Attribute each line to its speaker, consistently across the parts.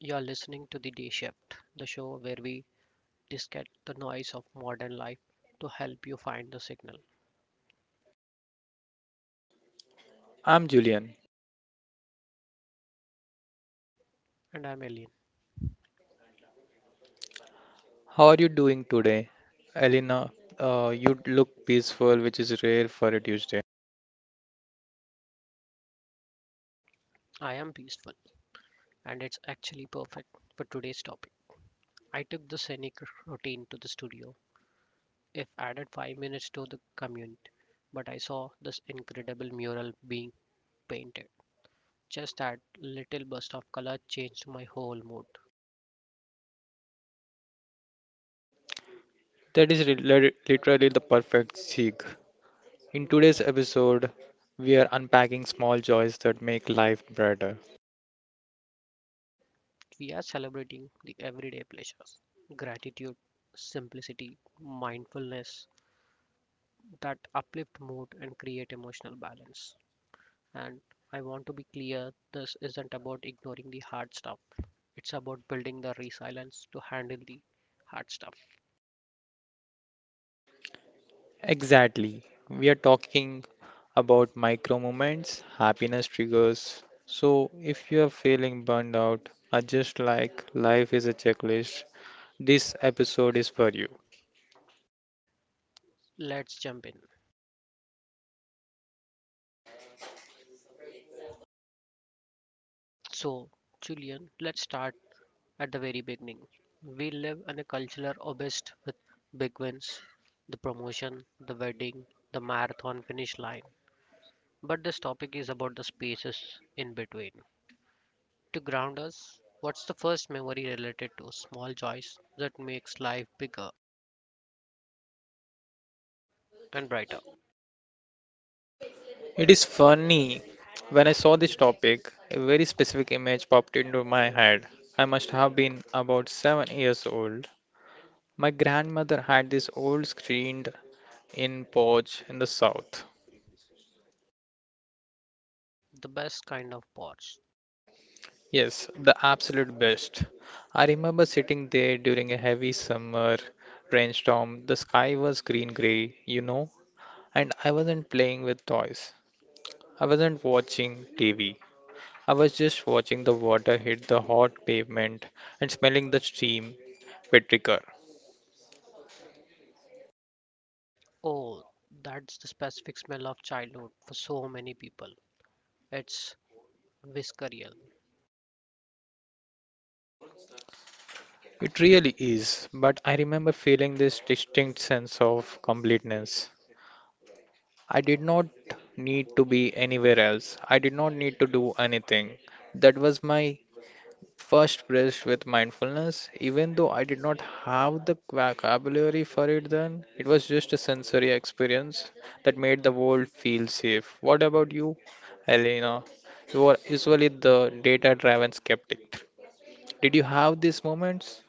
Speaker 1: You're listening to The Day Shift, the show where we discard the noise of modern life to help you find the signal.
Speaker 2: I'm Julian.
Speaker 1: And I'm Alien.
Speaker 2: How are you doing today? Elena, you look peaceful, which is rare for a Tuesday.
Speaker 1: I am peaceful, and it's actually perfect for today's topic. I took the scenic routine to the studio, if added 5 minutes to the commute, but I saw this incredible mural being painted. Just that little burst of color changed my whole mood.
Speaker 2: That is literally the perfect seek. In today's episode, we are unpacking small joys that make life brighter.
Speaker 1: We are celebrating the everyday pleasures, gratitude, simplicity, mindfulness, that uplift mood and create emotional balance. And I want to be clear this isn't about ignoring the hard stuff, it's about building the resilience to handle the hard stuff.
Speaker 2: Exactly. We are talking about micro moments, happiness triggers. So, if you are feeling burned out, or just like life is a checklist, this episode is for you.
Speaker 1: Let's jump in. So, Julian, let's start at the very beginning. We live in a cultural obsessed with big wins, the promotion, the wedding, the marathon finish line. But this topic is about the spaces in between. To ground us, what's the first memory related to small joys that makes life bigger and brighter?
Speaker 2: It is funny. When I saw this topic, a very specific image popped into my head. I must have been about 7 years old. My grandmother had this old screened in porch in the south.
Speaker 1: The best kind of pause.
Speaker 2: Yes, the absolute best. I remember sitting there during a heavy summer rainstorm. The sky was green grey, and I wasn't playing with toys. I wasn't watching TV. I was just watching the water hit the hot pavement and smelling the steam with.
Speaker 1: Oh, that's the specific smell of childhood for so many people. It's visceral.
Speaker 2: It really is, but I remember feeling this distinct sense of completeness. I did not need to be anywhere else. I did not need to do anything. That was my first brush with mindfulness, even though I did not have the vocabulary for it then. It was just a sensory experience that made the world feel safe. What about you, Elena? You are usually the data driven skeptic. Did you have these moments?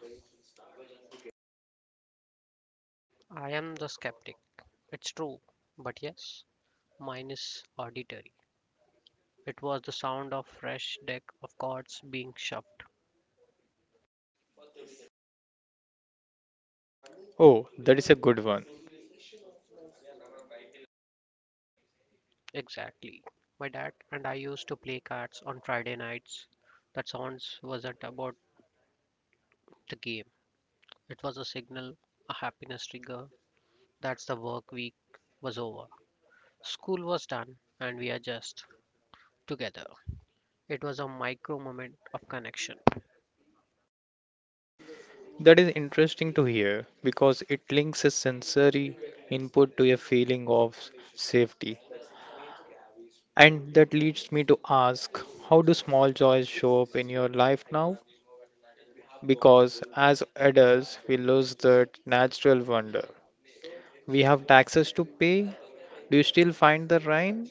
Speaker 1: I am the skeptic. It's true, but yes, mine is auditory. It was the sound of fresh deck of cards being shoved.
Speaker 2: Oh, that is a good one.
Speaker 1: Exactly. My dad and I used to play cards on Friday nights. That sounds wasn't about the game. It was a signal, a happiness trigger. That's the work week was over. School was done, and we are just together. It was a micro moment of connection.
Speaker 2: That is interesting to hear because it links a sensory input to a feeling of safety. And that leads me to ask, how do small joys show up in your life now? Because as adults we lose that natural wonder. We have taxes to pay. Do you still find the rhyme?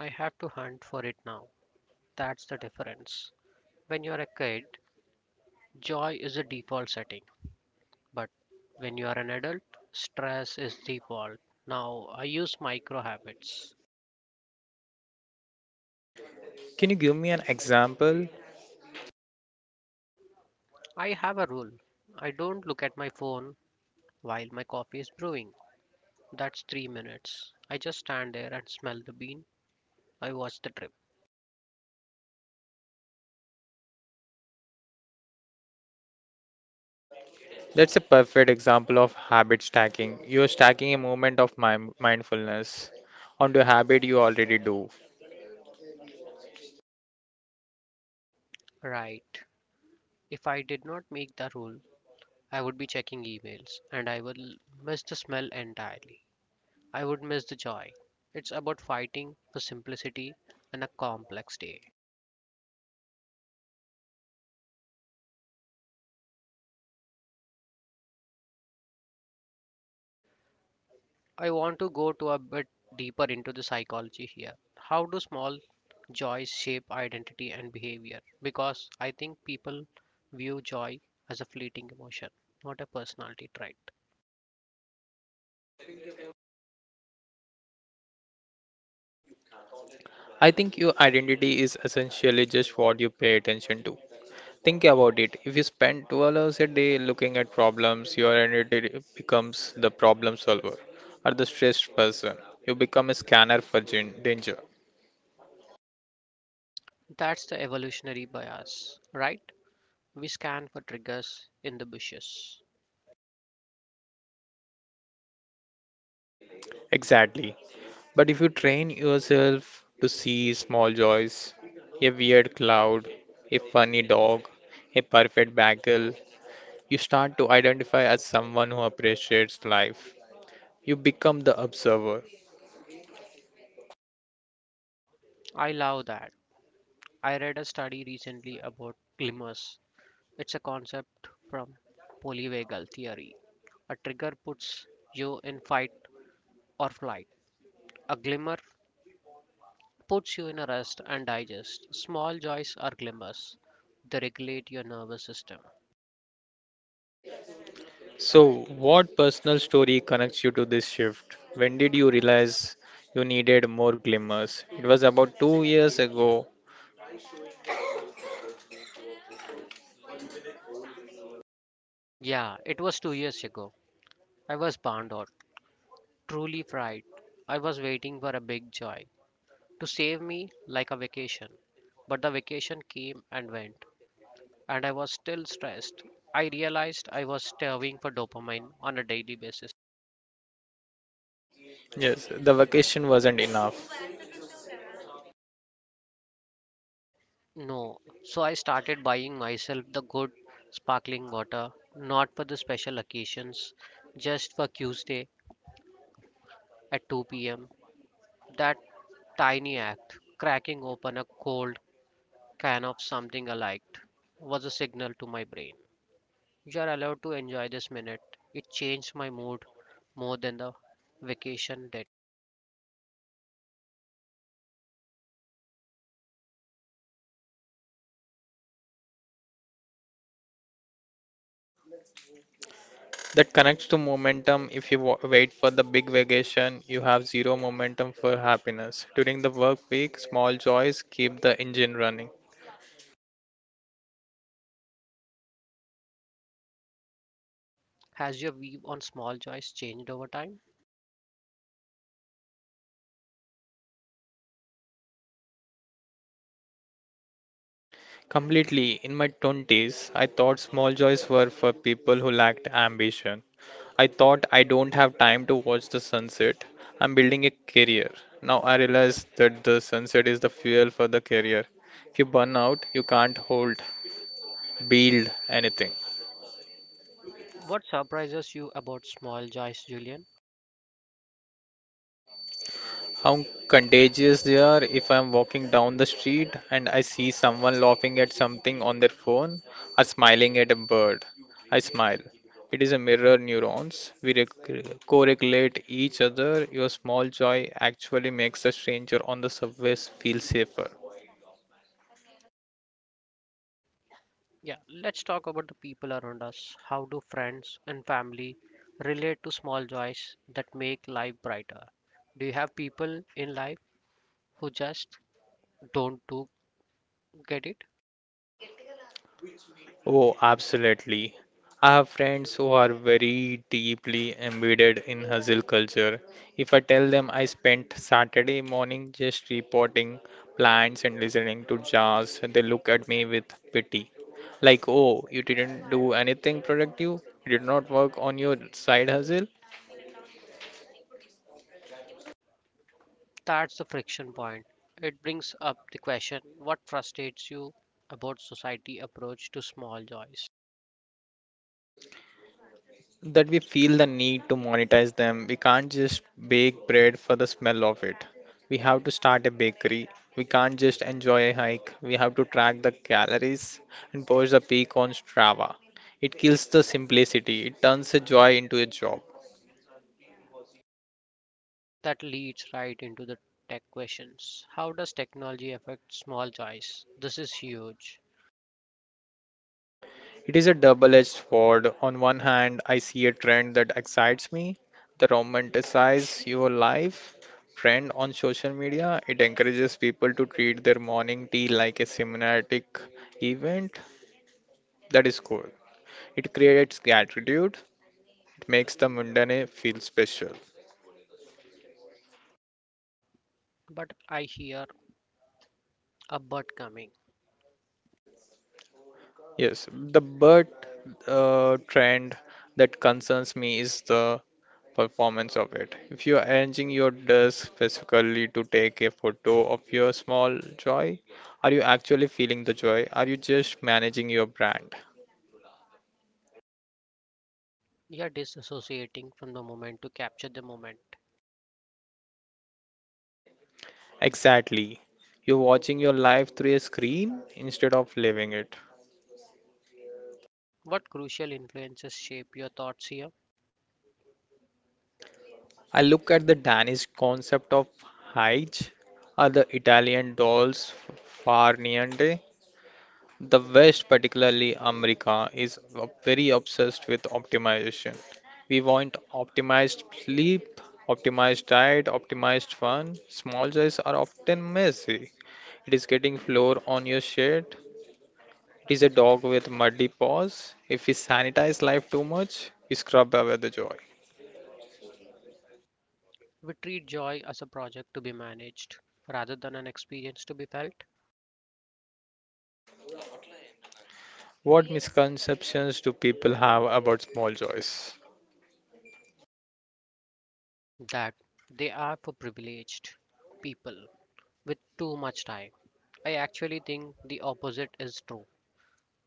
Speaker 1: I have to hunt for it now. That's the difference. When you're a kid, joy is the default setting, but when you are an adult, stress is default. Now, I use micro habits.
Speaker 2: Can you give me an example?
Speaker 1: I have a rule I don't look at my phone while my coffee is brewing. That's 3 minutes. I just stand there and smell the bean I watched the trip.
Speaker 2: That's a perfect example of habit stacking. You're stacking a moment of mindfulness onto a habit you already do.
Speaker 1: Right. If I did not make the rule, I would be checking emails and I will miss the smell entirely. I would miss the joy. It's about fighting for simplicity and a complex day. I want to go to a bit deeper into the psychology here. How do small joys shape identity and behavior? Because I think people view joy as a fleeting emotion, not a personality trait.
Speaker 2: I think your identity is essentially just what you pay attention to. Think about it. If you spend 12 hours a day looking at problems, your identity becomes the problem solver or the stressed person. You become a scanner for danger.
Speaker 1: That's the evolutionary bias, right? We scan for triggers in the bushes.
Speaker 2: Exactly. But if you train yourself to see small joys, a weird cloud, a funny dog, a perfect bagel, you start to identify as someone who appreciates life. You become the observer.
Speaker 1: I love that. I read a study recently about glimmers. It's a concept from polyvagal theory. A trigger puts you in fight or flight. A glimmer puts you in a rest and digest. Small joys are glimmers. They regulate your nervous system.
Speaker 2: So, what personal story connects you to this shift? When did you realize you needed more glimmers? It was about 2 years ago.
Speaker 1: Yeah, it was 2 years ago. I was burned out, truly fried. I was waiting for a big joy to save me like a vacation. But the vacation came and went, and I was still stressed. I realized I was starving for dopamine on a daily basis.
Speaker 2: Yes, the vacation wasn't enough.
Speaker 1: No, so I started buying myself the good sparkling water, not for the special occasions, just for Tuesday at 2 pm. That tiny act, cracking open a cold can of something I liked, was a signal to my brain. You're allowed to enjoy this minute. It changed my mood more than the vacation did.
Speaker 2: That connects to momentum. If you wait for the big vacation, you have zero momentum for happiness. During the work week, small joys keep the engine running.
Speaker 1: Has your view on small joys changed over time?
Speaker 2: Completely. In my 20s, I thought small joys were for people who lacked ambition. I thought, I don't have time to watch the sunset. I'm building a career. Now I realize that the sunset is the fuel for the career. If you burn out, you can't hold, build anything.
Speaker 1: What surprises you about small joys, Julian?
Speaker 2: How contagious they are. If I'm walking down the street and I see someone laughing at something on their phone or smiling at a bird, I smile. It is a mirror neurons. We correlate each other. Your small joy actually makes a stranger on the subway feel safer.
Speaker 1: Yeah, let's talk about the people around us. How do friends and family relate to small joys that make life brighter? Do you have people in life who just don't do get it?
Speaker 2: Oh, absolutely. I have friends who are very deeply embedded in hustle culture. If I tell them I spent Saturday morning just reporting plants and listening to jazz, they look at me with pity. Like, oh, you didn't do anything productive? You did not work on your side hustle?
Speaker 1: That's the friction point. It brings up the question what frustrates you about society approach to small joys?
Speaker 2: That we feel the need to monetize them. We can't just bake bread for the smell of it. We have to start a bakery. We can't just enjoy a hike. We have to track the calories and post a peak on Strava. It kills the simplicity. It turns a joy into a job.
Speaker 1: That leads right into the tech questions. How does technology affect small joys? This is huge.
Speaker 2: It is a double-edged sword. On one hand, I see a trend that excites me, the romanticize your life trend on social media. It encourages people to treat their morning tea like a cinematic event. That is cool. It creates gratitude. It makes the mundane feel special.
Speaker 1: But I hear a but coming.
Speaker 2: Yes, the bird trend that concerns me is the performance of it. If you are arranging your desk specifically to take a photo of your small joy, are you actually feeling the joy? Are you just managing your brand?
Speaker 1: You're disassociating from the moment to capture the moment.
Speaker 2: Exactly. You're watching your life through a screen instead of living it.
Speaker 1: What crucial influences shape your thoughts here?
Speaker 2: I look at the Danish concept of hygge, or the Italian dolls far niente. The West, particularly America, is very obsessed with optimization. We want optimized sleep, optimized diet, optimized fun. Small joys are often messy. It is getting flour on your shirt. It is a dog with muddy paws. If we sanitize life too much, we scrub away the joy.
Speaker 1: We treat joy as a project to be managed rather than an experience to be felt.
Speaker 2: What misconceptions do people have about small joys?
Speaker 1: That they are for privileged people with too much time. I actually think the opposite is true.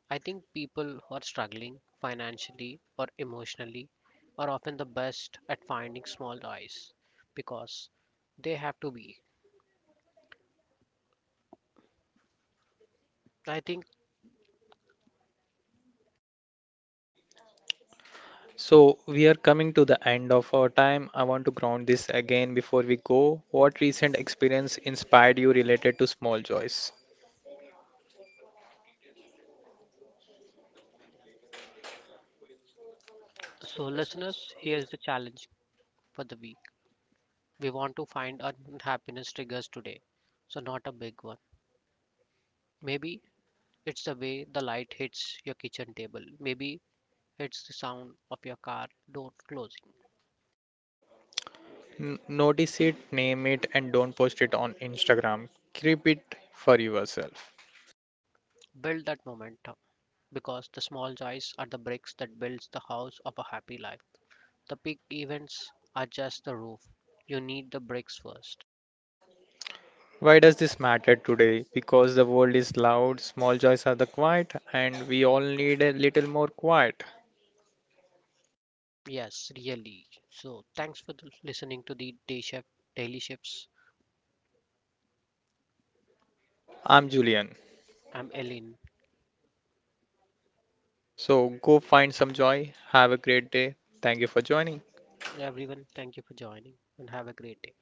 Speaker 1: I think people who are struggling financially or emotionally are often the best at finding small joys because they have to be. I think
Speaker 2: So, we are coming to the end of our time. I want to ground this again before we go. What recent experience inspired you related to small joys?
Speaker 1: so, listeners, here's the challenge for the week. We want to find our happiness triggers today, so not a big one. Maybe it's the way the light hits your kitchen table. Maybe it's the sound of your car door closing.
Speaker 2: Notice it, name it, and don't post it on Instagram. Keep it for yourself.
Speaker 1: Build that momentum because the small joys are the bricks that builds the house of a happy life. The big events are just the roof. You need the bricks first.
Speaker 2: Why does this matter today? Because the world is loud, small joys are the quiet, and we all need a little more quiet.
Speaker 1: Yes, really. So thanks for listening to the Day Shift Daily Shifts.
Speaker 2: I'm Julian.
Speaker 1: I'm Ellen.
Speaker 2: So go find some joy. Have a great day. Thank you for joining.
Speaker 1: Everyone, thank you for joining and have a great day.